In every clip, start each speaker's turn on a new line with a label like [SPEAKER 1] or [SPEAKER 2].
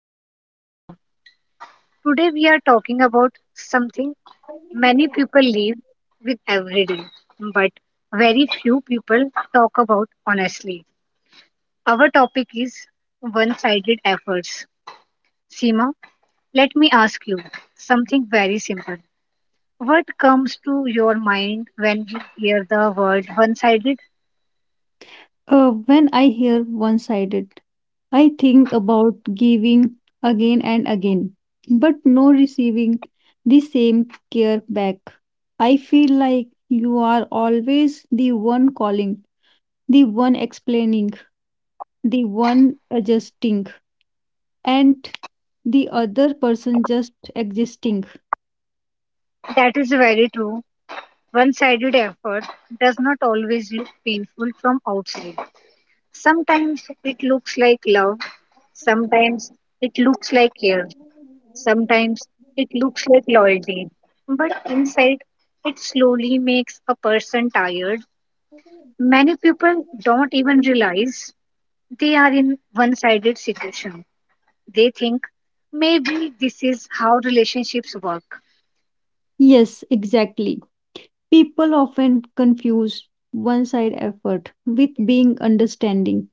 [SPEAKER 1] today is Seema. Today, we are talking about something many people live with every day, but very few people talk about honestly. Our topic is one sided efforts. Seema, let me ask you something very simple. What comes to your mind when you hear the word one sided?
[SPEAKER 2] When I hear one sided, I think about giving again and again, but no receiving the same care back. I feel like you are always the one calling, the one explaining, the one adjusting, and the other person just existing.
[SPEAKER 1] That is very true. One sided effort does not always look painful from outside. Sometimes it looks like love, sometimes it looks like care, sometimes it looks like loyalty. But inside, it slowly makes a person tired. Many people don't even realize they are in one sided situation. They think maybe this is how relationships work.
[SPEAKER 2] Yes, exactly. People often confuse one side effort with being understanding.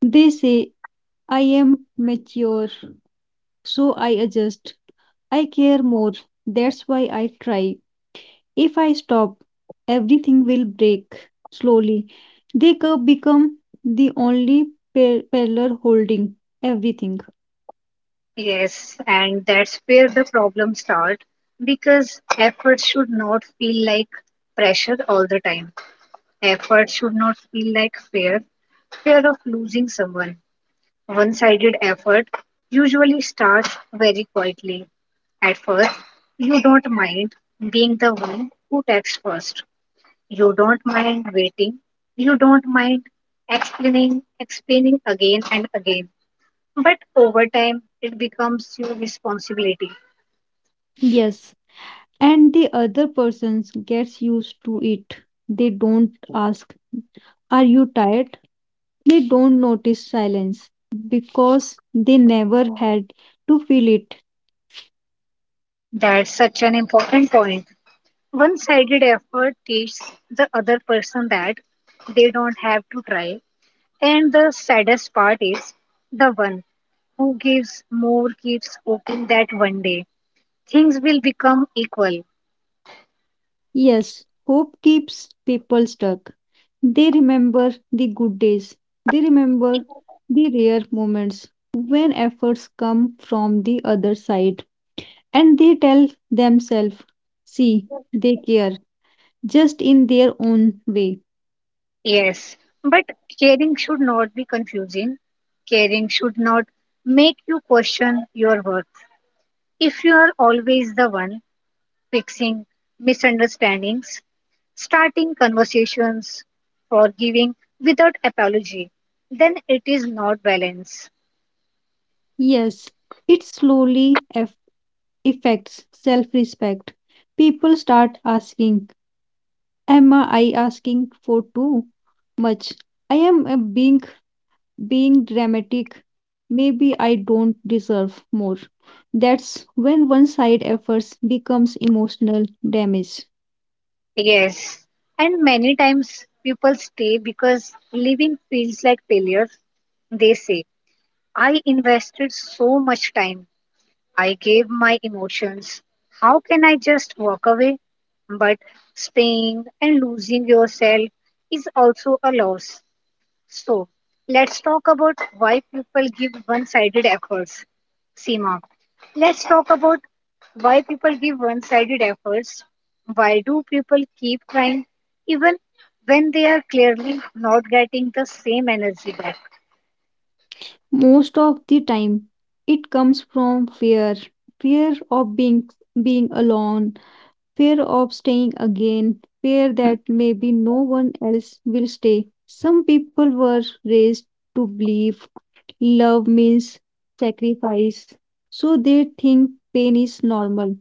[SPEAKER 2] They say I am mature, so I adjust. I care more, that's why I try. If I stop, everything will break slowly. They become the only pillar holding everything.
[SPEAKER 1] Yes, and that's where the problem starts because effort should not feel like pressure all the time. Effort should not feel like fear, fear of losing someone. One sided effort usually starts very quietly. At first, you don't mind being the one who texts first. You don't mind waiting. You don't mind explaining, explaining again and again. But over time, it becomes your responsibility.
[SPEAKER 2] Yes, and the other person gets used to it. They don't ask, are you tired? They don't notice silence because they never had to feel it.
[SPEAKER 1] That's such an important point. One sided effort teaches the other person that they don't have to try. And the saddest part is the one who gives more keeps hoping that one day things will become equal.
[SPEAKER 2] Yes, hope keeps people stuck. They remember the good days. They remember the rare moments when efforts come from the other side. And they tell themselves, see, they care, just in their own way.
[SPEAKER 1] Yes, but caring should not be confusing. Caring should not make you question your worth. If you are always the one fixing misunderstandings, starting conversations, forgiving without apology, then it is not balance.
[SPEAKER 2] Yes, it slowly affects self respect. People start asking, am I asking for too much? I am being dramatic. Maybe I don't deserve more. That's when one side efforts becomes emotional damage.
[SPEAKER 1] Yes. And many times people stay because living feels like failure. They say, I invested so much time, I gave my emotions. How can I just walk away? But staying and losing yourself is also a loss. So, let's talk about why people give one sided efforts. Seema, let's talk about why people give one sided efforts. Why do people keep trying even when they are clearly not getting the same energy back?
[SPEAKER 2] Most of the time, it comes from fear, fear of being alone, fear of staying again, fear that maybe no one else will stay. Some people were raised to believe love means sacrifice, so they think pain is normal.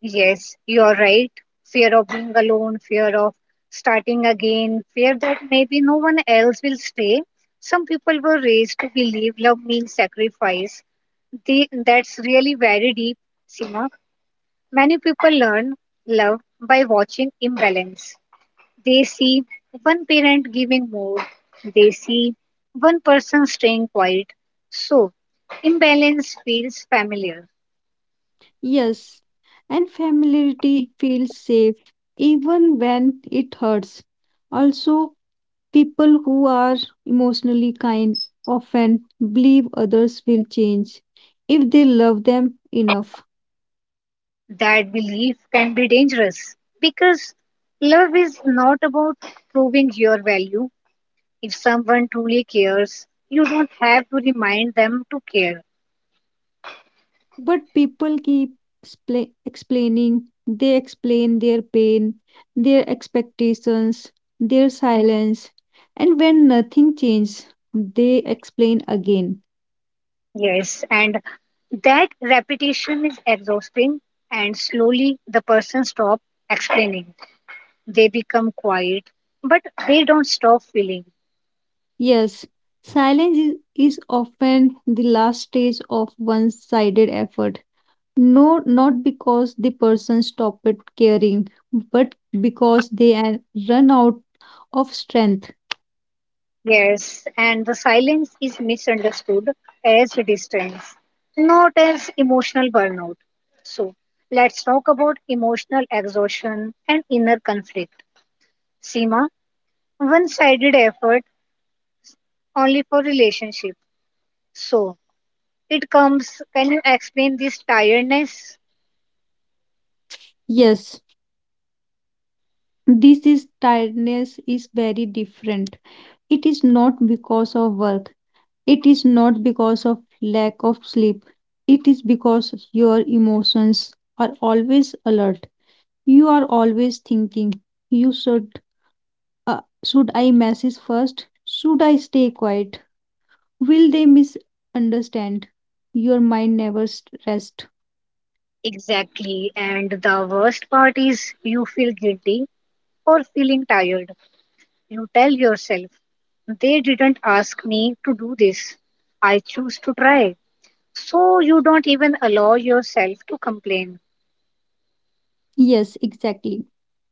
[SPEAKER 1] Yes, you are right. Fear of being alone, fear of starting again, fear that maybe no one else will stay. Some people were raised to believe love means sacrifice. That's really very deep, Sima. Many people learn love by watching imbalance. They see one parent giving more, they see one person staying quiet. So, imbalance feels familiar.
[SPEAKER 2] Yes, and familiarity feels safe even when it hurts. Also, people who are emotionally kind often believe others will change if they love them enough.
[SPEAKER 1] That belief can be dangerous because love is not about proving your value. If someone truly cares, you don't have to remind them to care.
[SPEAKER 2] But people keep explaining, they explain their pain, their expectations, their silence, and when nothing changes, they explain again.
[SPEAKER 1] Yes, and that repetition is exhausting, and slowly the person stops explaining. They become quiet, but they don't stop feeling.
[SPEAKER 2] Yes, silence is often the last stage of one sided effort. No, not because the person stopped caring, but because they had run out of strength.
[SPEAKER 1] Yes, and the silence is misunderstood as distance, not as emotional burnout. So, let's talk about emotional exhaustion and inner conflict. Seema, one sided effort only for relationship. So, it comes, can you explain this tiredness?
[SPEAKER 2] Yes, this is tiredness is very different. It is not because of work, it is not because of lack of sleep, it is because your emotions are always alert. You are always thinking. You should I message first? Should I stay quiet? Will they misunderstand? Your mind never rest.
[SPEAKER 1] Exactly, and the worst part is you feel guilty for feeling tired. You tell yourself, they didn't ask me to do this. I choose to try. So you don't even allow yourself to complain.
[SPEAKER 2] Yes, exactly.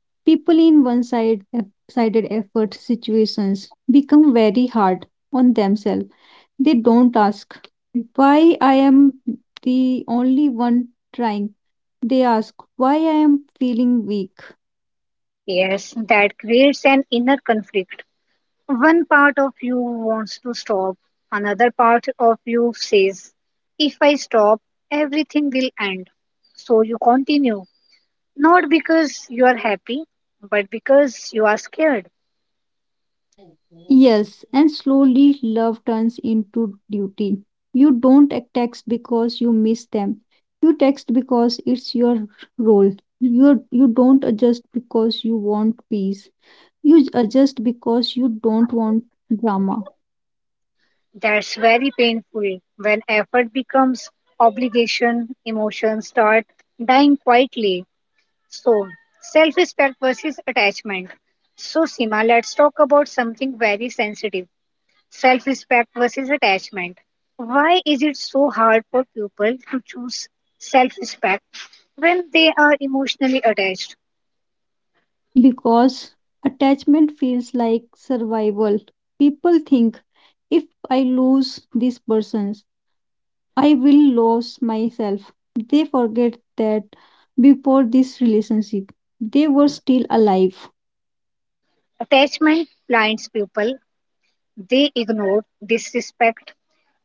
[SPEAKER 2] People in one-sided sided effort situations become very hard on themselves. They don't ask why I am the only one trying. They ask why I am feeling weak.
[SPEAKER 1] Yes, that creates an inner conflict. One part of you wants to stop, another part of you says, if I stop, everything will end. So you continue, not because you are happy, but because you are scared.
[SPEAKER 2] Yes, and slowly love turns into duty. You don't text because you miss them. You text because it's your role. You don't adjust because you want peace. You adjust because you don't want drama.
[SPEAKER 1] That's very painful. When effort becomes obligation, emotions start dying quietly. So, self respect versus attachment. So, Sima, let's talk about something very sensitive, self respect versus attachment. Why is it so hard for people to choose self respect when they are emotionally attached?
[SPEAKER 2] Because attachment feels like survival. People think if I lose this person, I will lose myself. They forget that before this relationship, they were still alive.
[SPEAKER 1] Attachment blinds people, they ignore disrespect,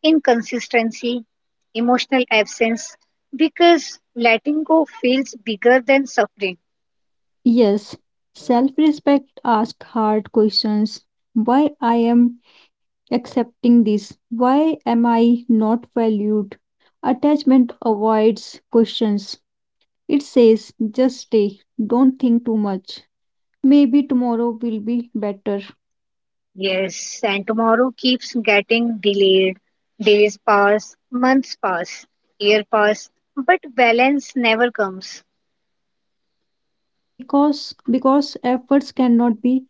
[SPEAKER 1] inconsistency, emotional absence, because letting go feels bigger than suffering.
[SPEAKER 2] Yes, self respect asks hard questions. Why I am accepting this? Why am I not valued? Attachment avoids questions. It says just stay, don't think too much. Maybe tomorrow will be better,
[SPEAKER 1] Yes, and tomorrow keeps getting delayed. Days pass, months pass, year pass, but balance never comes.
[SPEAKER 2] because efforts cannot be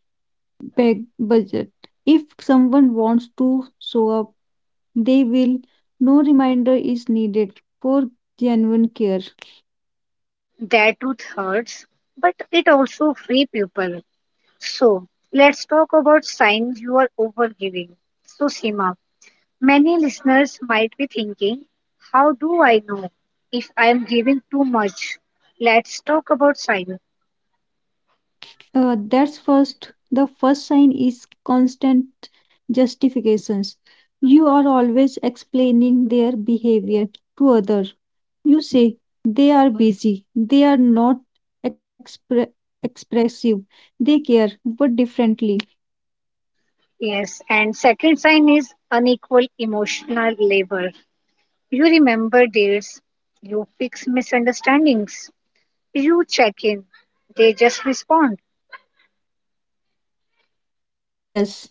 [SPEAKER 2] big budget. If someone wants to show up, they will. No reminder is needed for genuine care.
[SPEAKER 1] That truth hurts, but it also free people. So let's talk about signs you are overgiving. So Sima, many listeners might be thinking, how do I know if I am giving too much? Let's talk about sign.
[SPEAKER 2] That's first. The first sign is constant justifications. You are always explaining their behavior to others. You say they are busy, they are not expre- expressive, they care, but differently.
[SPEAKER 1] Yes, and second sign is unequal emotional labor. You remember dates, you fix misunderstandings, you check in, they just respond.
[SPEAKER 2] Yes,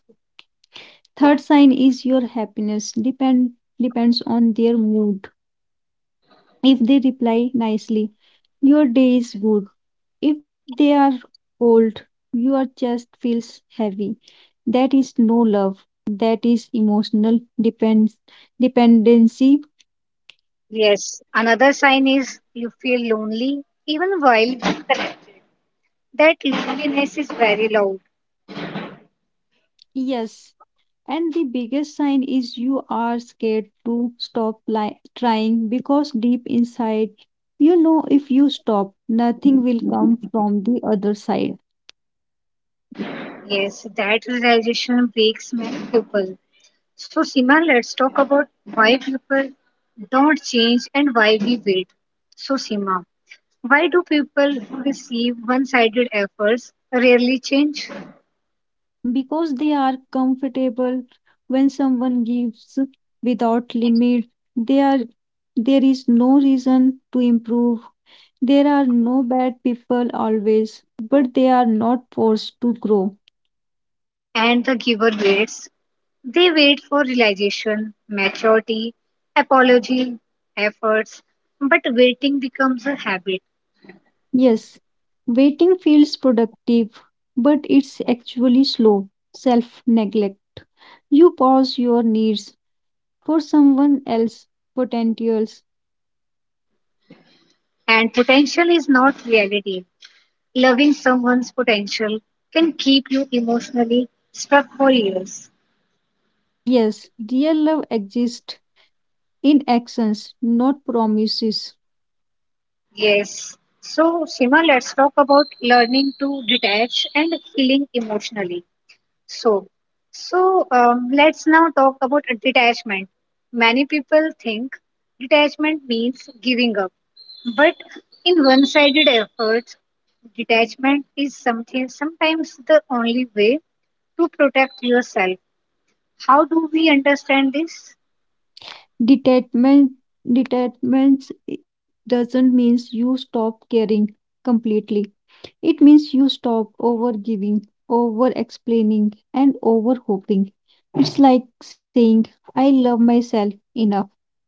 [SPEAKER 2] third sign is your happiness depends on their mood. If they reply nicely, your day is good. If they are cold, your chest feels heavy. That is no love. That is emotional depends dependency.
[SPEAKER 1] Yes, another sign is you feel lonely even while connected. That loneliness is very loud.
[SPEAKER 2] Yes. And the biggest sign is you are scared to stop trying because deep inside you know if you stop, nothing will come from the other side.
[SPEAKER 1] Yes, that realization breaks many people. So Sima, let's talk about why people don't change and why we wait. So Sima, why do people who receive one-sided efforts rarely change?
[SPEAKER 2] Because they are comfortable. When someone gives without limit, they are, there is no reason to improve. There are no bad people always, but they are not forced to grow.
[SPEAKER 1] And the giver waits. They wait for realization, maturity, apology, efforts. But waiting becomes a habit,
[SPEAKER 2] Yes, waiting feels productive, but it's actually slow self neglect. You pause your needs for someone else's potentials.
[SPEAKER 1] and potential is not reality. Loving someone's potential can keep you emotionally stuck for years.
[SPEAKER 2] Yes, real love exists in actions, not promises.
[SPEAKER 1] Yes. So, Sima, let's talk about learning to detach and healing emotionally. So, so, let's now talk about detachment. Many people think detachment means giving up, but in one-sided efforts, detachment is something sometimes the only way to protect yourself. How do we understand this?
[SPEAKER 2] Detachment detachment doesn't means you stop caring completely. It means you stop over giving, over explaining, and over hoping. It's like saying, I love myself enough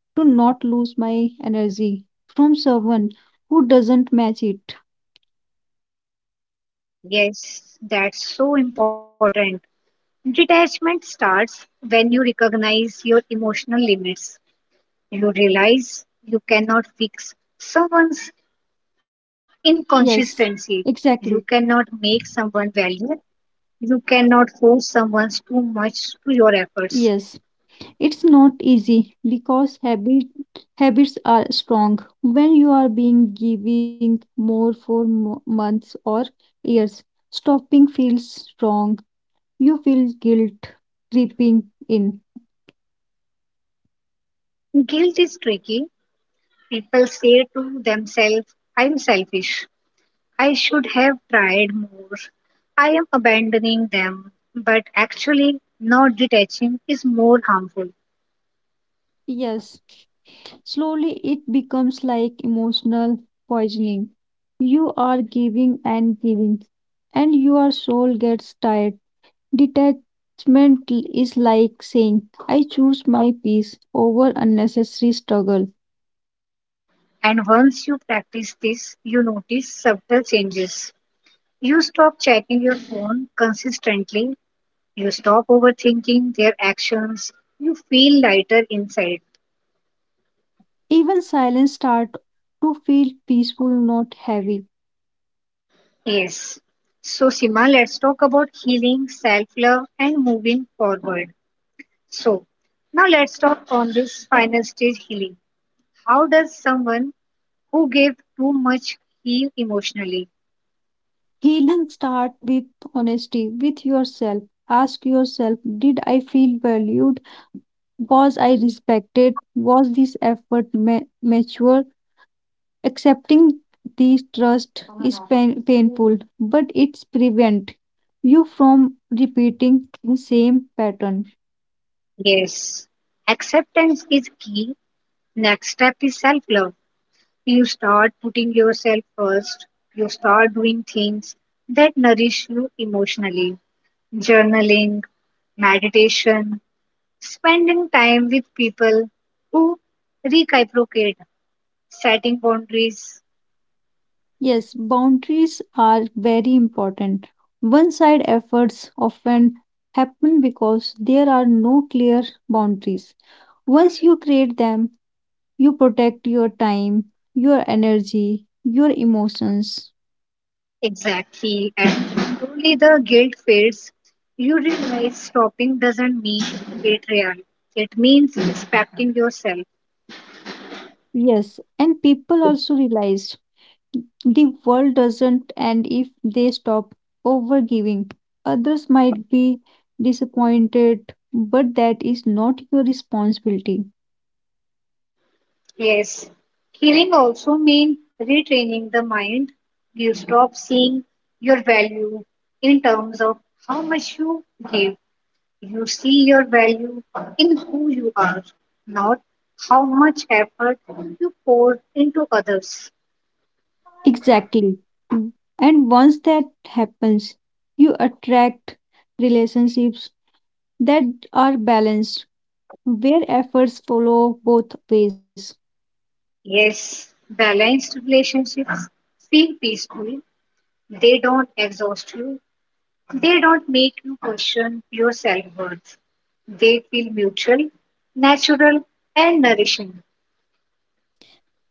[SPEAKER 2] to not lose my energy from someone who doesn't match it.
[SPEAKER 1] Yes, that's so important. Detachment starts when you recognize your emotional limits. You realize you cannot fix someone's
[SPEAKER 2] Yes.
[SPEAKER 1] inconsistency. You cannot
[SPEAKER 2] Exactly.
[SPEAKER 1] make someone value. You cannot force someone too much to your efforts.
[SPEAKER 2] Yes. It's not easy because habits are strong. When you are being giving more for months or years, stopping feels wrong. You feel guilt creeping in.
[SPEAKER 1] Guilt is tricky. People say to themselves, I'm selfish. I should have tried more. I am abandoning them. But actually, not detaching is more harmful.
[SPEAKER 2] Yes, slowly it becomes like emotional poisoning. You are giving and giving, and your soul gets tired. Detachment is like saying, I choose my peace over unnecessary struggle.
[SPEAKER 1] And once you practice this, you notice subtle changes. You stop checking your phone consistently, you stop overthinking their actions, you feel lighter inside.
[SPEAKER 2] Even silence start to feel peaceful, not heavy.
[SPEAKER 1] Yes. So, Sima, let's talk about healing, self love, and moving forward. So, now let's talk on this final stage, healing. How does someone who gave too much heal emotionally?
[SPEAKER 2] Healing start with honesty with yourself. Ask yourself, did I feel valued? Was I respected? Was this effort mature? Accepting these trust is painful, but it's prevent you from repeating the same pattern.
[SPEAKER 1] Yes. Acceptance is key. Next step is self love. You start putting yourself first. You start doing things that nourish you emotionally. Journaling, meditation, spending time with people who reciprocate, setting boundaries.
[SPEAKER 2] Yes, boundaries are very important. One side efforts often happen because there are no clear boundaries. Once you create them, you protect your time, your energy, your emotions.
[SPEAKER 1] Exactly, and slowly the guilt fades. You realize stopping doesn't mean betrayal. It means respecting yourself.
[SPEAKER 2] Yes, and people also realized the world doesn't end if they stop overgiving. Others might be disappointed, but that is not your responsibility.
[SPEAKER 1] Yes, healing also means retraining the mind. You stop seeing your value in terms of how much you give. You see your value in who you are, not how much effort you pour into others.
[SPEAKER 2] Exactly. Mm. And once that happens, you attract relationships that are balanced, where efforts follow both ways.
[SPEAKER 1] Yes, balanced relationships feel peaceful. They don't exhaust you. They don't make you question your self worth. They feel mutual, natural, and nourishing.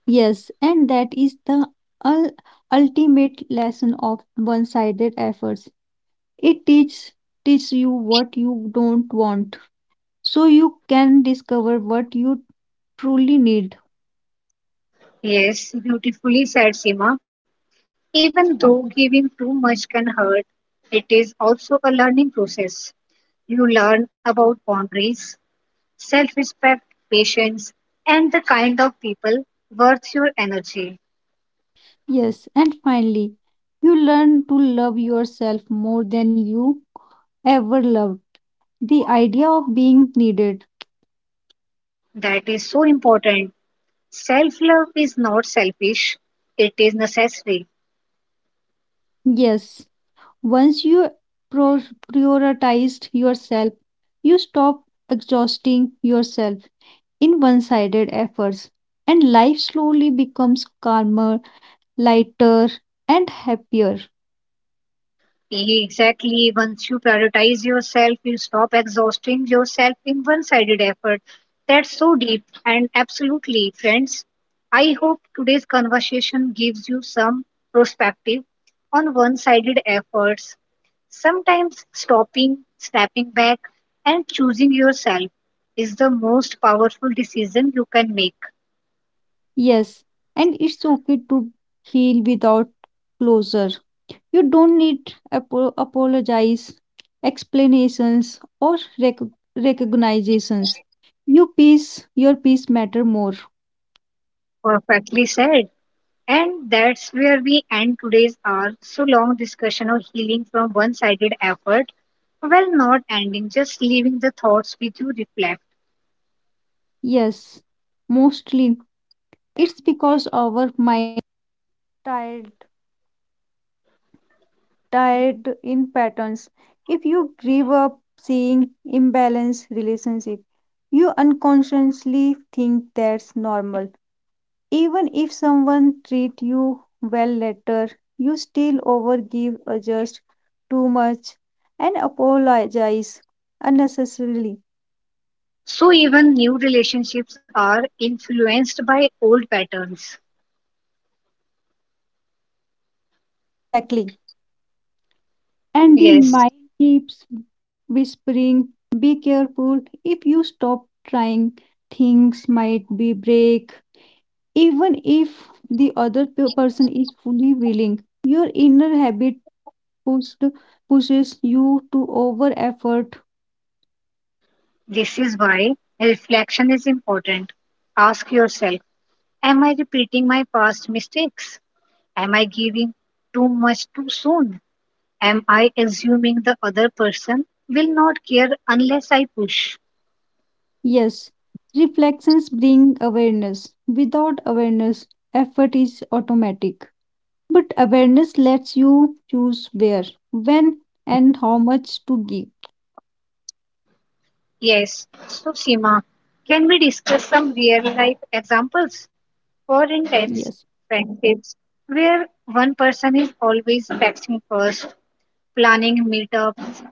[SPEAKER 2] Yes, and that is the ul- ultimate lesson of one sided efforts. It teaches you what you don't want, so you can discover what you truly need.
[SPEAKER 1] Yes, beautifully said Seema. Even though giving too much can hurt, it is also a learning process. You learn about boundaries, self respect, patience, and the kind of people worth your energy.
[SPEAKER 2] Yes, and finally, you learn to love yourself more than you ever loved the idea of being needed.
[SPEAKER 1] That is so important. Self love is not selfish, it is necessary.
[SPEAKER 2] Yes, once you pro- prioritized yourself, you stop exhausting yourself in one sided efforts, and life slowly becomes calmer, lighter, and happier.
[SPEAKER 1] Exactly. Once you prioritize yourself, you stop exhausting yourself in one sided effort. That's so deep. And absolutely, friends, I hope today's conversation gives you some perspective on one sided efforts. Sometimes stopping, stepping back, and choosing yourself is the most powerful decision you can make.
[SPEAKER 2] Yes, and it's okay to heal without closure. You don't need apologize, explanations, or recognizations. Your peace matter more.
[SPEAKER 1] Perfectly said. And that's where we end today's our so long discussion of healing from one sided effort. Well, not ending, just leaving the thoughts with you reflect.
[SPEAKER 2] Yes, mostly. It's because
[SPEAKER 1] So, even new relationships are influenced by old patterns. Yes,
[SPEAKER 2] whispering, be careful. If you stop trying, things might be break. Even if the other person is fully willing, your inner habit pushed, pushes you to over effort.
[SPEAKER 1] this is why reflection is important. Ask yourself, am I repeating my past mistakes? Am I giving too much too soon? Am I assuming the other person will not care unless I push?
[SPEAKER 2] Yes, reflections bring awareness. Without awareness, effort is automatic. But awareness lets you choose where, when, and how much to give.
[SPEAKER 1] Yes. So, Seema, can we discuss some real life examples? For intense
[SPEAKER 2] Yes.
[SPEAKER 1] friendships, where one person is always texting first, planning meetups,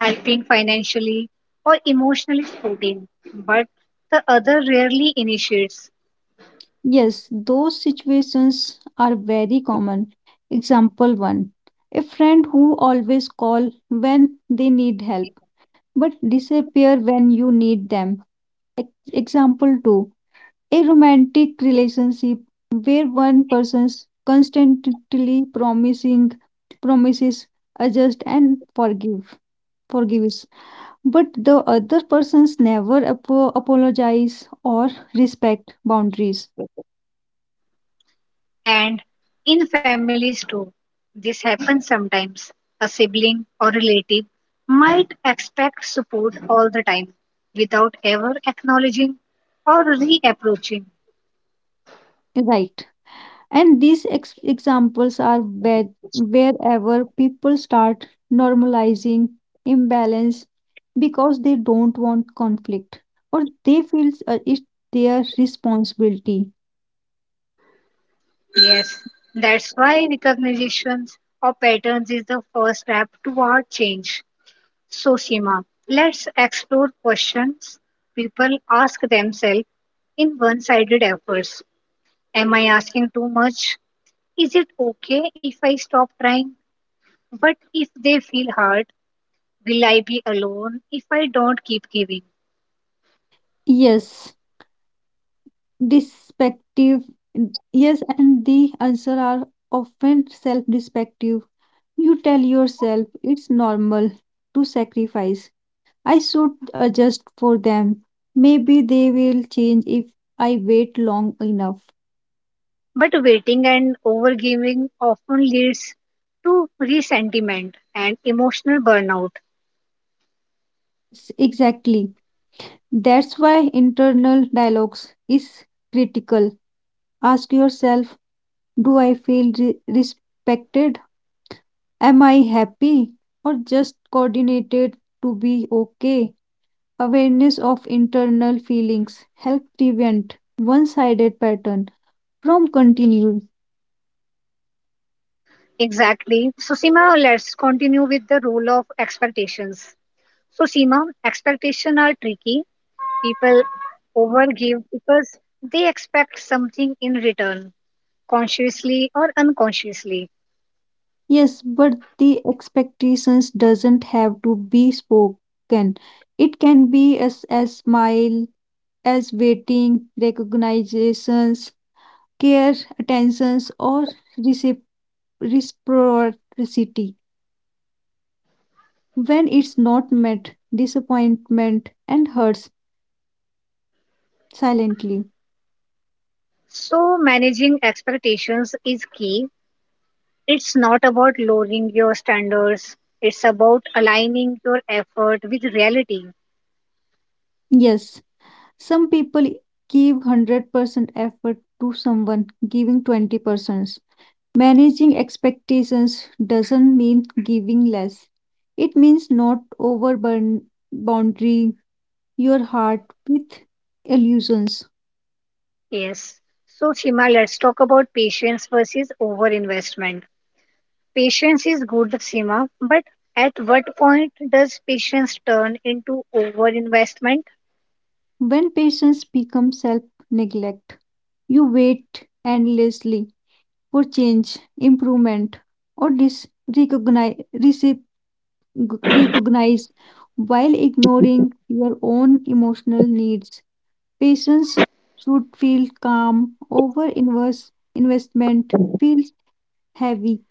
[SPEAKER 1] helping financially, or emotionally supporting, but the other rarely initiates.
[SPEAKER 2] Yes, those situations are very common. Example 1. A friend who always call when they need help but disappear when you need them. Ex- Example 2. A romantic relationship where one person constantly promising promises adjust and forgives, but the other persons never apologize or respect boundaries.
[SPEAKER 1] And in families too, this happens sometimes. A sibling or relative might expect support all the time without ever acknowledging or reapproaching.
[SPEAKER 2] Right. And these examples are where, wherever people start normalizing imbalance because they don't want conflict or they feel it's their responsibility.
[SPEAKER 1] Yes, that's why recognitions or patterns is the first step toward change. So, Seema, let's explore questions people ask themselves in one sided efforts. Am I asking too much? Is it okay if I stop trying? But if they feel hurt, will I be alone if I don't keep giving?
[SPEAKER 2] Yes, respective. Yes, and the answer are often self respective. You tell yourself it's normal to sacrifice. I should adjust for them. Maybe they will change if I wait long enough.
[SPEAKER 1] But waiting and overgiving often leads to resentment and emotional burnout.
[SPEAKER 2] Exactly. That's why internal dialogues is critical. Ask yourself, do I feel respected? Am I happy or just coordinated to be okay? Awareness of internal feelings help prevent one-sided pattern from continuing.
[SPEAKER 1] Exactly. So, Seema, let's continue with the role of expectations. So, Seema, expectations are tricky. People overgive because they expect something in return, consciously or unconsciously.
[SPEAKER 2] Yes, but the expectations doesn't have to be spoken. It can be as a smile, as waiting, recognitions, care, attentions, or recip- reciprocity. When it's not met, disappointment and hurts silently.
[SPEAKER 1] So, managing expectations is key. It's not about lowering your standards, it's about aligning your effort with reality.
[SPEAKER 2] Yes, some people give 100% effort to someone giving 20%. Managing expectations doesn't mean giving less. It means not overburden boundary your heart with illusions.
[SPEAKER 1] Yes. So, Seema, let's talk about patience versus overinvestment. Patience is good, Seema, but at what point does patience turn into overinvestment?
[SPEAKER 2] When patience becomes self neglect, you wait endlessly for change, improvement, or recognize, while ignoring your own emotional needs. Patience should feel calm, investment feels heavy.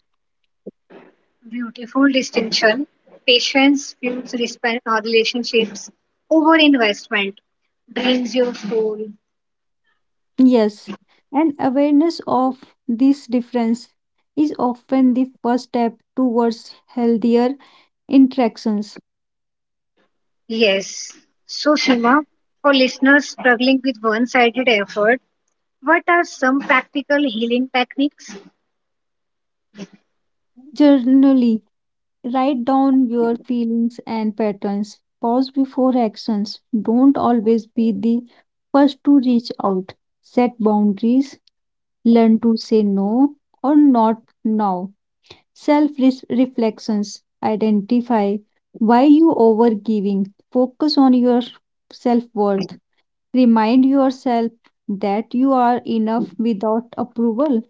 [SPEAKER 1] Beautiful distinction. Patience fuels relationships. Overinvestment drains your soul.
[SPEAKER 2] Yes, and awareness of this difference is often the first step towards healthier interactions.
[SPEAKER 1] Yes. So, Seema, for listeners struggling with one sided effort, what are some practical healing techniques?
[SPEAKER 2] Journally, write down your feelings and patterns. Pause before actions. Don't always be the first to reach out. Set boundaries. Learn to say no or not now. Self reflections. Identify why you overgiving. Focus on your self worth. Remind yourself that you are enough without approval.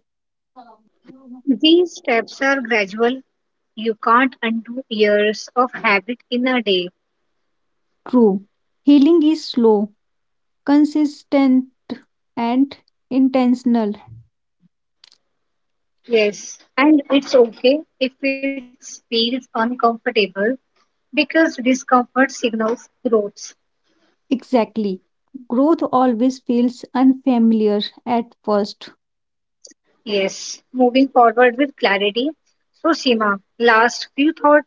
[SPEAKER 1] These steps are gradual. You can't undo years of habit in a day.
[SPEAKER 2] True. Healing is slow, consistent, and intentional.
[SPEAKER 1] Yes. And it's okay if it feels uncomfortable because discomfort signals growth.
[SPEAKER 2] Exactly. Growth always feels unfamiliar at first.
[SPEAKER 1] Yes, moving forward with clarity. So, Seema, last few thought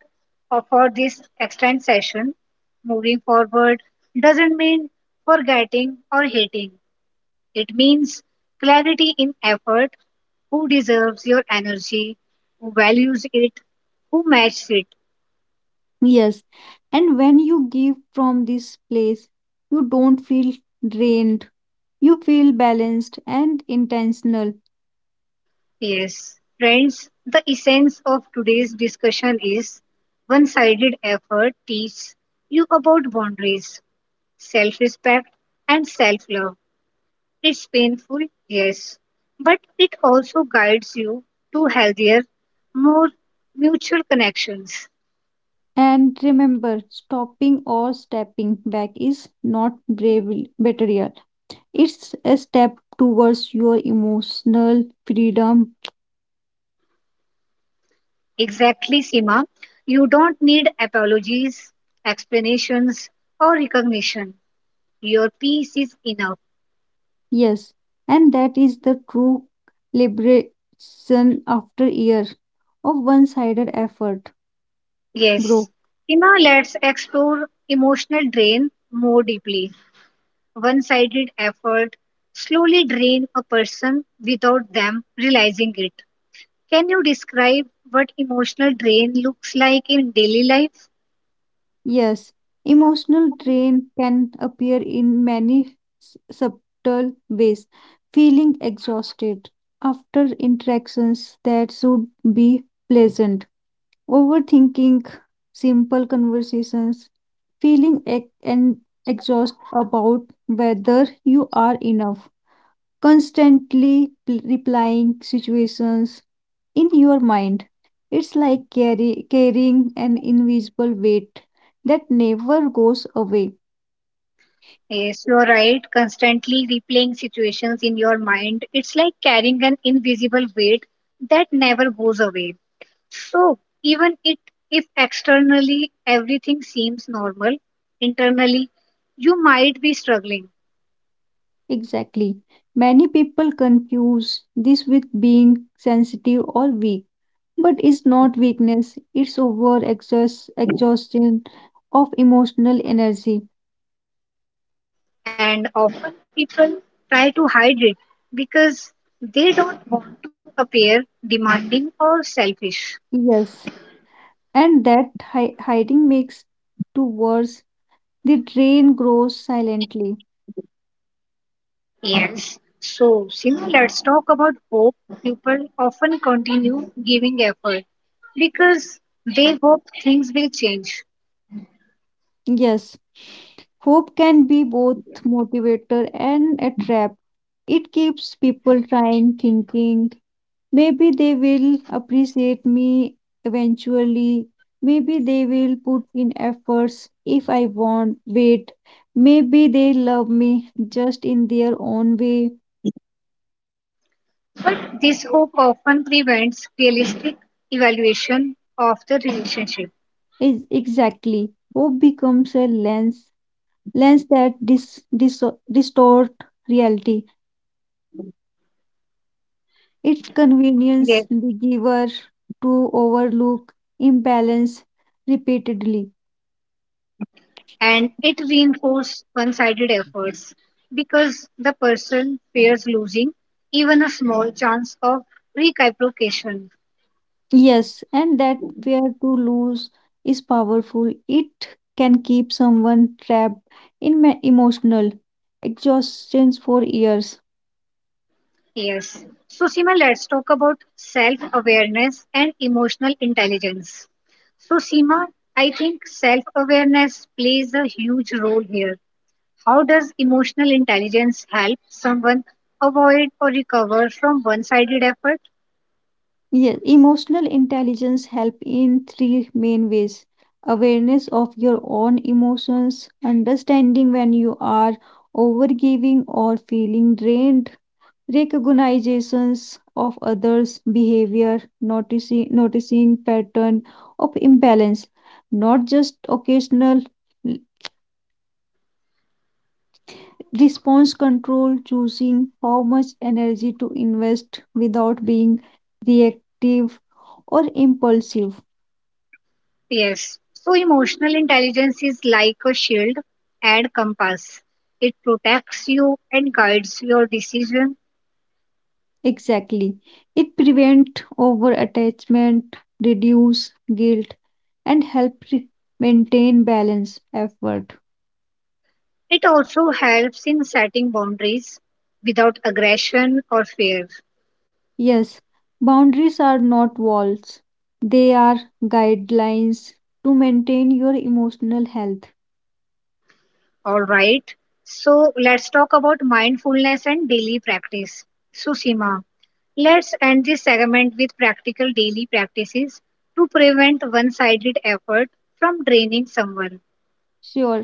[SPEAKER 1] for this extended session. Moving forward doesn't mean forgetting or hating. It means clarity in effort, who deserves your energy, who values it, who matches it.
[SPEAKER 2] Yes. And when you give from this place, you don't feel drained. You feel balanced and intentional.
[SPEAKER 1] Yes, friends, the essence of today's discussion is one sided effort teaches you about boundaries, self respect, and self love. It's painful, yes, but it also guides you to healthier, more mutual connections.
[SPEAKER 2] And remember, stopping or stepping back is not bravery material. It's a step towards your emotional freedom.
[SPEAKER 1] Exactly, Sima. You don't need apologies, explanations, or recognition. Your peace is enough.
[SPEAKER 2] Yes, and that is the true liberation after year of one-sided effort, bro.
[SPEAKER 1] Yes. Sima, let's explore emotional drain more deeply. One sided effort slowly drain a person without them realizing it. Can you describe what emotional drain looks like in daily life?
[SPEAKER 2] Yes, emotional drain can appear in many subtle ways. Feeling exhausted after interactions that should be pleasant, overthinking simple conversations, feeling ex- and exhausted about whether you are enough, constantly replying situations in your mind. It's like carrying an invisible weight that never goes away.
[SPEAKER 1] Yes, you're right. Constantly replaying situations in your mind, it's like carrying an invisible weight that never goes away. So, even it if externally everything seems normal, internally you might be struggling,
[SPEAKER 2] Exactly. Many people confuse this with being sensitive or weak, but it's not weakness, it's exhaustion of emotional energy.
[SPEAKER 1] and often people try to hide it because they don't want to appear demanding or selfish.
[SPEAKER 2] Yes, and that hiding makes to worse. The drain grows silently.
[SPEAKER 1] Yes. So, Simi, let's talk about hope. People often continue giving effort because they hope things will change.
[SPEAKER 2] Yes, hope can be both motivator and a trap. It keeps people trying, thinking, maybe they will appreciate me eventually. Maybe they will put in efforts if I want, wait. Maybe they love me just in their own way.
[SPEAKER 1] But this hope often prevents realistic evaluation of the relationship.
[SPEAKER 2] Is exactly. Hope becomes a lens that distort reality. Its convenience
[SPEAKER 1] Yes.
[SPEAKER 2] the giver to overlook imbalance repeatedly.
[SPEAKER 1] And it reinforces one sided efforts because the person fears losing even a small chance of reciprocation.
[SPEAKER 2] Yes, and that fear to lose is powerful. It can keep someone trapped in emotional exhaustion for years.
[SPEAKER 1] Yes. So, Seema, let's talk about self awareness and emotional intelligence. So, Seema, I think self awareness plays a huge role here. How does emotional intelligence help someone avoid or recover from one sided effort?
[SPEAKER 2] Yes, emotional intelligence help in three main ways. Awareness of your own emotions, understanding when you are overgiving or feeling drained, recognitions of others' behavior, noticing pattern of imbalance, not just occasional l- response control, choosing how much energy to invest without being reactive or impulsive.
[SPEAKER 1] Yes. So, emotional intelligence is like a shield and compass, it protects you and guides your decision.
[SPEAKER 2] Exactly. It prevents over attachment, reduce guilt, and help maintain balance effort.
[SPEAKER 1] It also helps in setting boundaries without aggression or fear.
[SPEAKER 2] Yes, boundaries are not walls, they are guidelines to maintain your emotional health.
[SPEAKER 1] All right. So let's talk about mindfulness and daily practice. Susima, let's end this segment with practical daily practices to prevent one sided effort from draining someone.
[SPEAKER 2] Sure,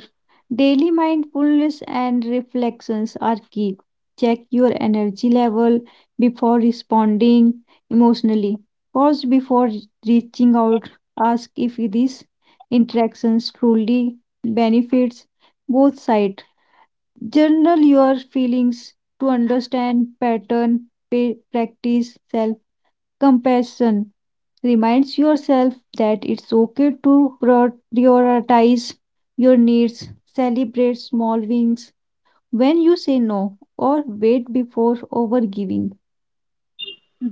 [SPEAKER 2] daily mindfulness and reflections are key. Check your energy level before responding emotionally. Pause before reaching out. Ask if these interactions truly benefits both sides. Journal your feelings to understand pattern, practice self compassion reminds yourself that it's okay to prioritize your needs, celebrate small wins when you say no, or wait before overgiving.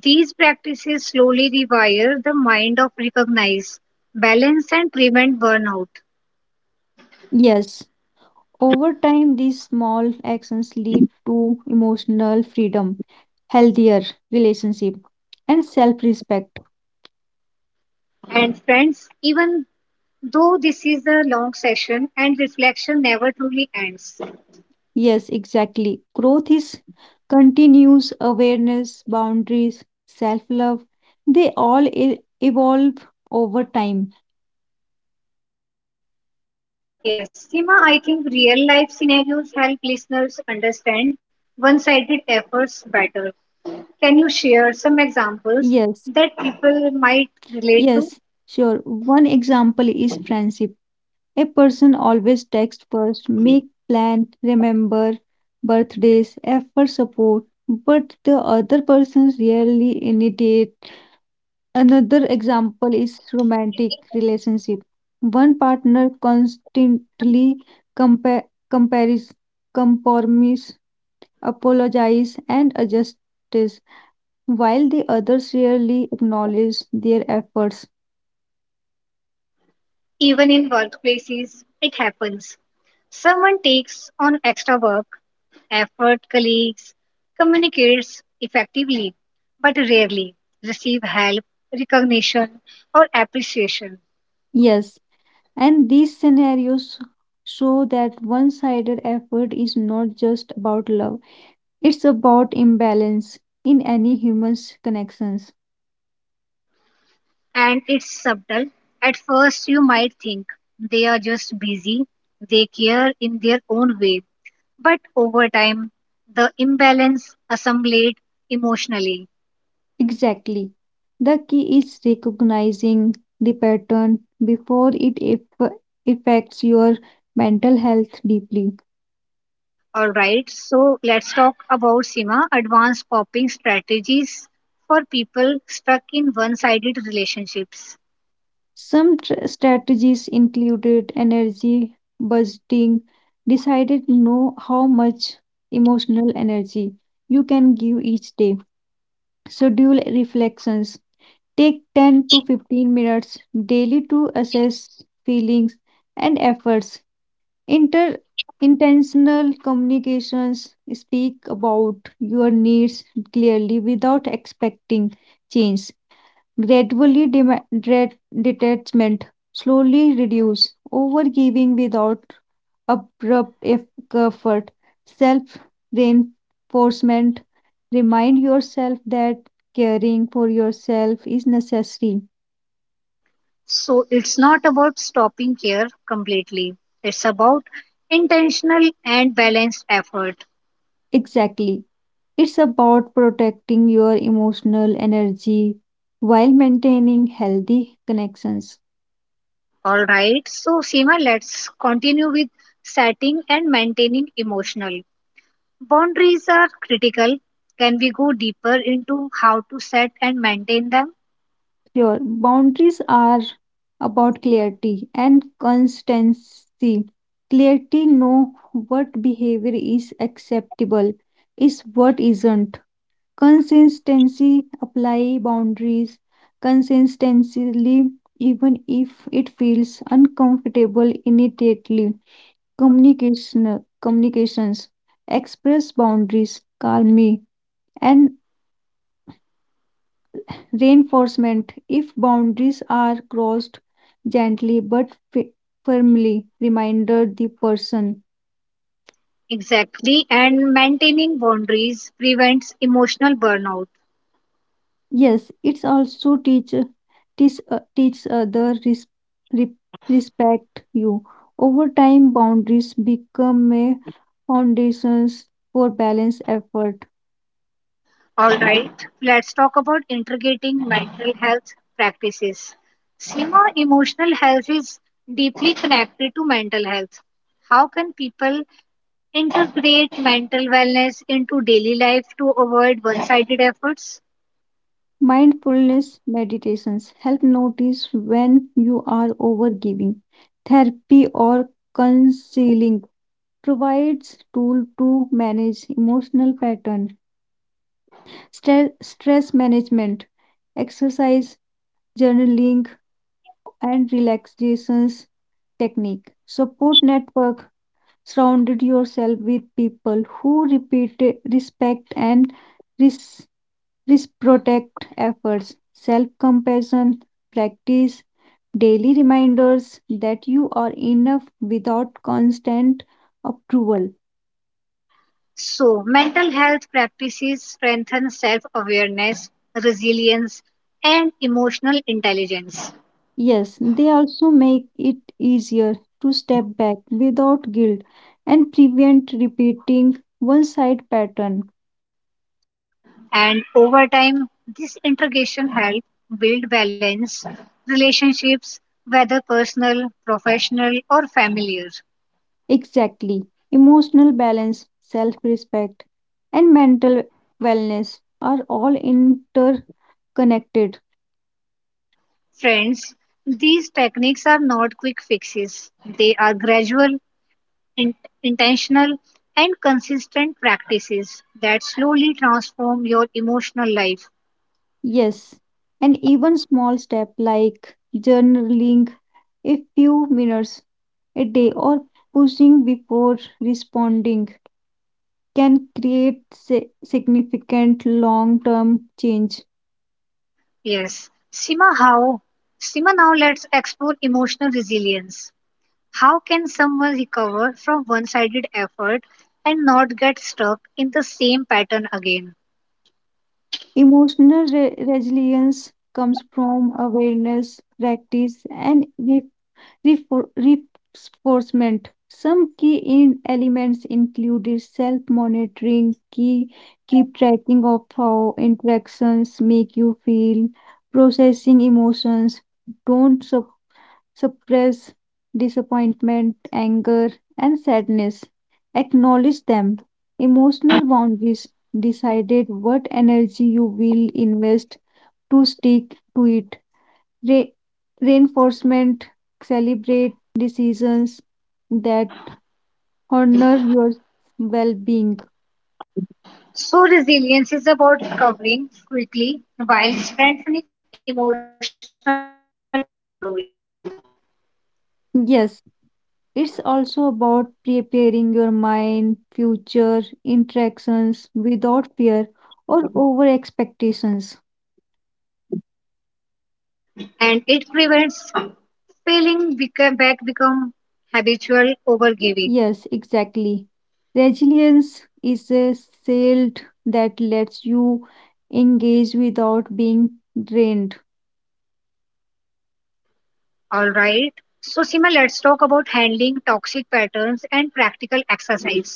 [SPEAKER 1] These practices slowly rewire the mind of recognize, balance, and prevent burnout.
[SPEAKER 2] Yes, over time, these small actions lead to emotional freedom, healthier relationship, and self respect.
[SPEAKER 1] And friends, even though this is a long session and reflection never truly ends,
[SPEAKER 2] Yes, exactly. Growth is continuous awareness, boundaries, self love. They all evolve over time.
[SPEAKER 1] yes, Sima, I think real life scenarios help listeners understand one sided efforts better. Can you share some examples
[SPEAKER 2] Yes,
[SPEAKER 1] that people might relate to?
[SPEAKER 2] yes, sure. One example is friendship. A person always texts first, make plan, remember birthdays, effort support, but the other person rarely initiate. Another example is romantic relationship. One partner constantly compa- compares, compromise, apologize, and adjusts, while the others rarely acknowledge their efforts.
[SPEAKER 1] Even in workplaces, it happens. Someone takes on extra work, effort, colleagues, communicates effectively, but rarely receive help, recognition, or appreciation.
[SPEAKER 2] Yes, and these scenarios show that one-sided effort is not just about love; it's about imbalance in any human's connections.
[SPEAKER 1] And it's subtle. At first, you might think they are just busy, they care in their own way. But over time, the imbalance assimilate emotionally.
[SPEAKER 2] Exactly. The key is recognizing the pattern before it affects your mental health deeply.
[SPEAKER 1] All right, so let's talk about Sima advanced coping strategies for people stuck in one sided relationships.
[SPEAKER 2] Some strategies included energy budgeting, decided know how much emotional energy you can give each day. Schedule reflections. Take 10 to 15 minutes daily to assess feelings and efforts. Inter intentional communications speak about your needs clearly without expecting change. Gradually detachment slowly reduce overgiving without abrupt effort. Self reinforcement remind yourself that caring for yourself is necessary.
[SPEAKER 1] So it's not about stopping care completely, it's about intentional and balanced effort.
[SPEAKER 2] Exactly. It's about protecting your emotional energy while maintaining healthy connections.
[SPEAKER 1] All right, so Seema, let's continue with setting and maintaining emotional. Boundaries are critical. Can we go deeper into how to set and maintain them?
[SPEAKER 2] Your boundaries are about clarity and consistency. Clarity know what behavior is acceptable, is what isn't. Consistency apply boundaries consistently even if it feels uncomfortable immediately. Communication communications express boundaries calmly and reinforcement if boundaries are crossed gently but firmly reminder the person.
[SPEAKER 1] Exactly, and maintaining boundaries prevents emotional burnout.
[SPEAKER 2] Yes, it's also teach teach other re, respect you. Over time boundaries become a foundations for balance effort.
[SPEAKER 1] All right, let's talk about integrating mental health practices. Seema, emotional health is deeply connected to mental health. How can people integrate mental wellness into daily life to avoid one sided efforts?
[SPEAKER 2] Mindfulness meditations help notice when you are overgiving. Therapy or counseling provides tool to manage emotional pattern. Stress management, exercise, journaling, and relaxations technique. Support network. Surrounded yourself with people who respect and risk protect efforts, self compassion, practice daily reminders that you are enough without constant approval.
[SPEAKER 1] So, mental health practices strengthen self awareness, resilience, and emotional intelligence.
[SPEAKER 2] Yes, they also make it easier to step back without guilt and prevent repeating one side pattern.
[SPEAKER 1] And over time, this integration helps build balance, relationships, whether personal, professional, or familiar.
[SPEAKER 2] Exactly. Emotional balance, self respect, and mental wellness are all interconnected.
[SPEAKER 1] Friends, these techniques are not quick fixes, they are gradual in- intentional and consistent practices that slowly transform your emotional life.
[SPEAKER 2] Yes, and even small step like journaling a few minutes a day or pushing before responding can create significant long-term change.
[SPEAKER 1] Yes. Sima, how? Sima, now let's explore emotional resilience. How can someone recover from one sided effort and not get stuck in the same pattern again?
[SPEAKER 2] Emotional resilience comes from awareness, practice, and reinforcement. Some key in elements included self-monitoring, keep tracking of how interactions make you feel, processing emotions, don't suppress disappointment, anger, and sadness. Acknowledge them. Emotional boundaries decided what energy you will invest to stick to it. Re- Reinforcement celebrate decisions that honor your well-being.
[SPEAKER 1] So, resilience is about recovering quickly while strengthening emotional control,
[SPEAKER 2] Yes, it's also about preparing your mind future interactions without fear or over expectations.
[SPEAKER 1] and it prevents failing back become habitual overgiving.
[SPEAKER 2] Yes, exactly, resilience is a shield that lets you engage without being drained.
[SPEAKER 1] All right. So, Sima, let's talk about handling toxic patterns and practical exercise.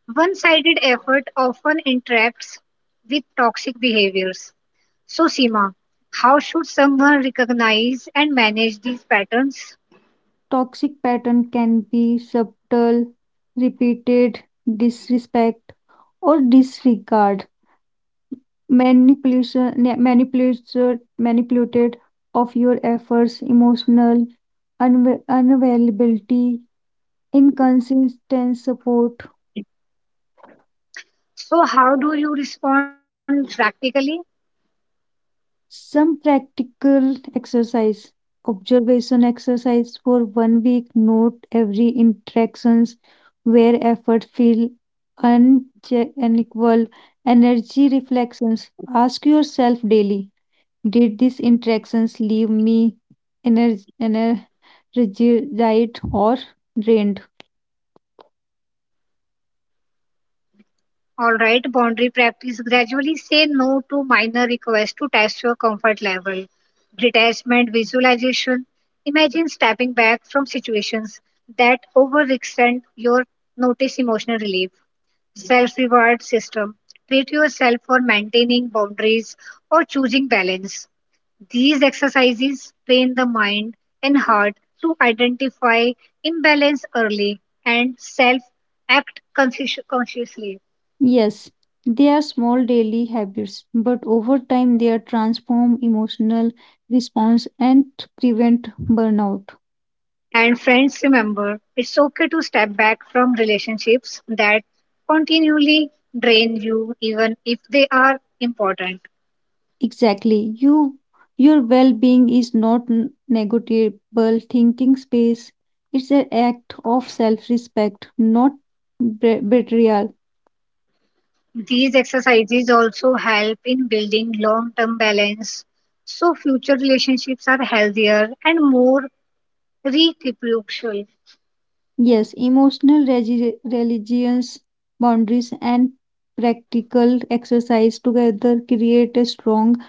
[SPEAKER 1] One sided effort often interacts with toxic behaviors. So, Sima, how should someone recognize and manage these patterns?
[SPEAKER 2] Toxic pattern can be subtle, repeated disrespect or disregard, manipulated of your efforts, emotional unavailability, inconsistent support.
[SPEAKER 1] So, how do you respond practically?
[SPEAKER 2] Some practical exercise, observation exercise for one week, note every interactions where effort feel unequal, energy reflections. Ask yourself daily, did these interactions leave me ener- energized or drained?
[SPEAKER 1] All right, boundary practice. Gradually say no to minor requests to test your comfort level. Detachment visualization. Imagine stepping back from situations that overextend your notice emotional relief. Self reward system. Treat yourself for maintaining boundaries or choosing balance. These exercises train the mind and heart to identify imbalance early and self act conscientiously.
[SPEAKER 2] Yes, they are small daily habits, but over time they are transform emotional response and prevent burnout.
[SPEAKER 1] And friends, remember, it's okay to step back from relationships that continually drain you, even if they are important.
[SPEAKER 2] Exactly. Your well-being is not negotiable thinking space. It's an act of self-respect, not betrayal.
[SPEAKER 1] These exercises also help in building long term balance so future relationships are healthier and more reciprocal.
[SPEAKER 2] Yes, emotional religions, boundaries and practical exercise together create a strong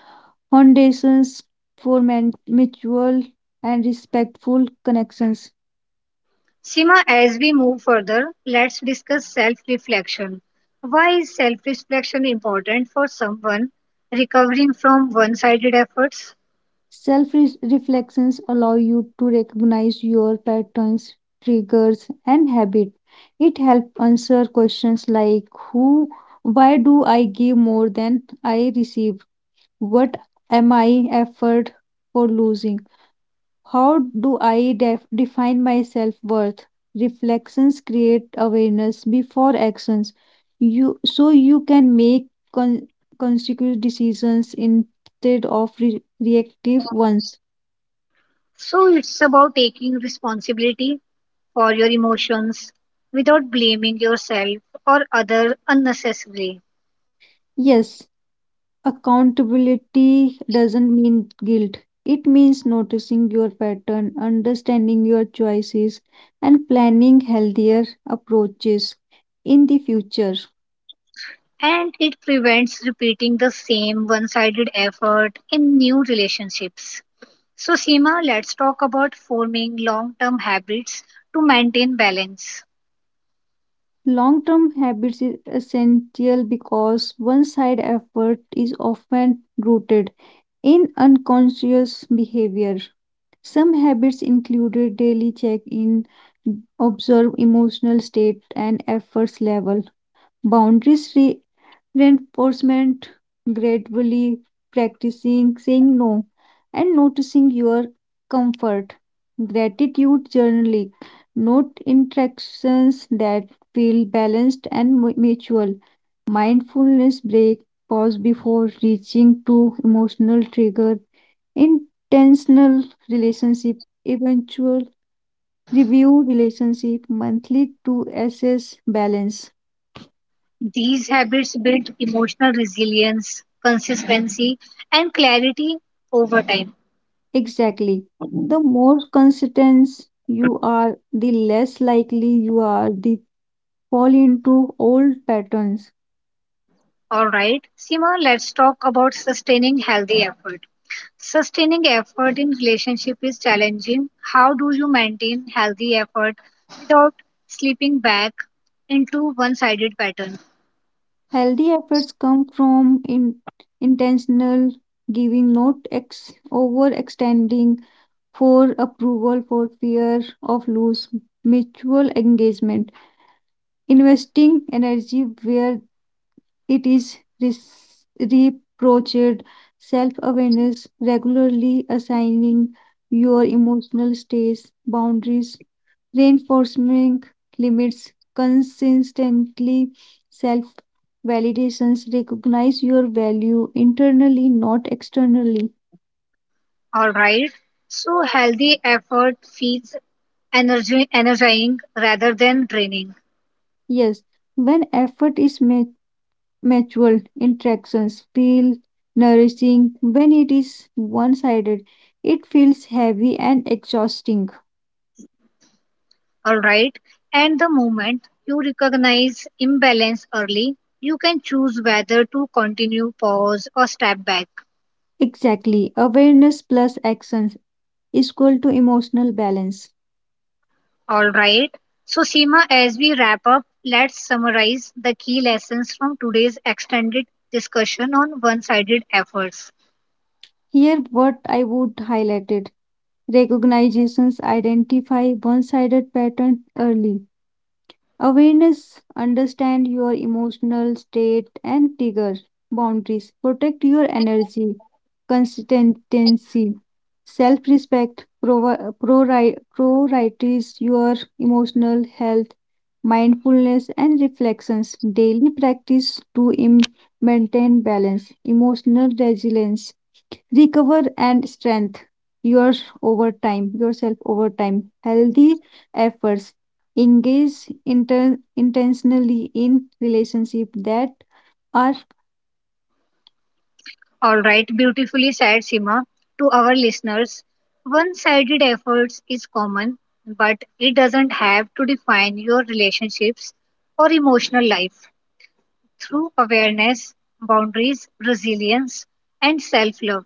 [SPEAKER 2] foundations for mutual and respectful connections.
[SPEAKER 1] Sima, as we move further, let's discuss self reflection. Why is self reflection important for someone recovering from one sided efforts?
[SPEAKER 2] Self reflections allow you to recognize your patterns, triggers, and habits. It helps answer questions like who, why do I give more than I receive? What am I effort for losing? How do I define my self worth? Reflections create awareness before actions. You so you can make con- consecutive decisions instead of reactive ones.
[SPEAKER 1] So it's about taking responsibility for your emotions without blaming yourself or other unnecessarily.
[SPEAKER 2] Yes, accountability doesn't mean guilt. It means noticing your pattern, understanding your choices, and planning healthier approaches in the future.
[SPEAKER 1] And it prevents repeating the same one sided effort in new relationships. So, Seema, let's talk about forming long term habits to maintain balance.
[SPEAKER 2] Long term habits is essential because one side effort is often rooted in unconscious behavior. Some habits include daily check in, observe emotional state, and efforts level boundaries reinforcement gradually practicing saying no and noticing your comfort, gratitude journaling, note interactions that feel balanced and mutual, mindfulness break, pause before reaching to emotional trigger, intentional relationship, eventual review relationship monthly to assess balance.
[SPEAKER 1] These habits build emotional resilience, consistency, and clarity over time.
[SPEAKER 2] Exactly. The more consistent you are, the less likely you are to fall into old patterns.
[SPEAKER 1] All right, Seema, let's talk about sustaining healthy effort. Sustaining effort in relationship is challenging. How do you maintain healthy effort without slipping back into one-sided pattern?
[SPEAKER 2] Healthy efforts come from intentional giving, not overextending for approval, for fear of lose mutual engagement, investing energy where it is reproached, self awareness, regularly assigning your emotional states, boundaries, reinforcing limits, consistently self validations, recognize your value internally, not externally.
[SPEAKER 1] All right. So healthy effort feels energy energizing rather than draining.
[SPEAKER 2] Yes, when effort is mutual, interactions feel nourishing. When it is one sided, it feels heavy and exhausting.
[SPEAKER 1] All right. And the moment you recognize imbalance early, you can choose whether to continue, pause, or step back.
[SPEAKER 2] Exactly. Awareness plus actions is equal to emotional balance.
[SPEAKER 1] All right. So, Seema, as we wrap up, let's summarize the key lessons from today's extended discussion on one sided efforts.
[SPEAKER 2] Here, what I would highlight it recognitions identify one sided patterns early. Awareness, understand your emotional state and trigger boundaries. Protect your energy, consistency, self respect, prioritize your emotional health, mindfulness, and reflections. Daily practice to maintain balance, emotional resilience recover and strength your over time yourself over time healthy efforts engage intentionally in relationship that are.
[SPEAKER 1] All right. Beautifully said, Seema. To our listeners, one sided efforts is common, but it doesn't have to define your relationships or emotional life. Through awareness, boundaries, resilience, and self love,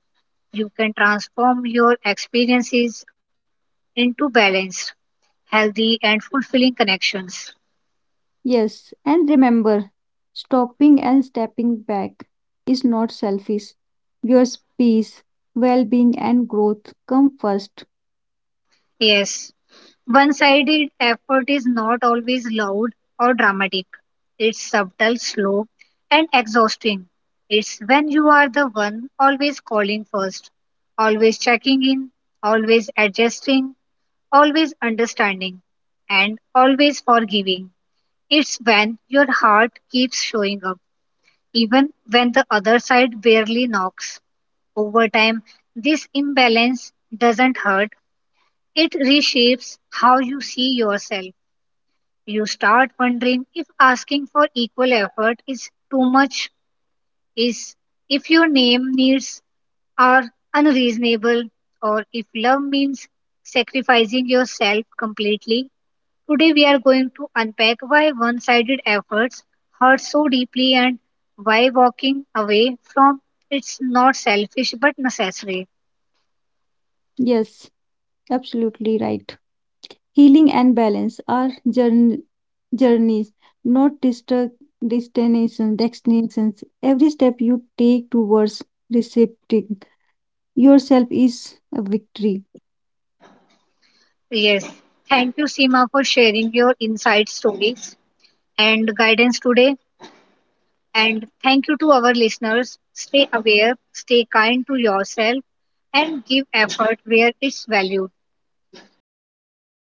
[SPEAKER 1] you can transform your experiences into balanced healthy, and fulfilling connections.
[SPEAKER 2] Yes, and remember, stopping and stepping back is not selfish. Your peace, well-being and growth come first.
[SPEAKER 1] Yes, one sided effort is not always loud or dramatic, it's subtle, slow, and exhausting. It's when you are the one always calling first, always checking in, always adjusting, always understanding, and always forgiving. It's when your heart keeps showing up, even when the other side barely knocks. Over time, this imbalance doesn't hurt. It reshapes how you see yourself. You start wondering if asking for equal effort is too much, is if your name needs are unreasonable, or if love means sacrificing yourself completely. Today we are going to unpack why one-sided efforts hurt so deeply and why walking away from it's not selfish but necessary.
[SPEAKER 2] Yes, absolutely right, healing and balance are journeys, not destinations, destinations. Every step you take towards receiving yourself is a victory.
[SPEAKER 1] Yes. Thank you, Seema, for sharing your inside stories and guidance today. And thank you to our listeners. Stay aware, stay kind to yourself, and give effort where it's valued.
[SPEAKER 2] Thank you.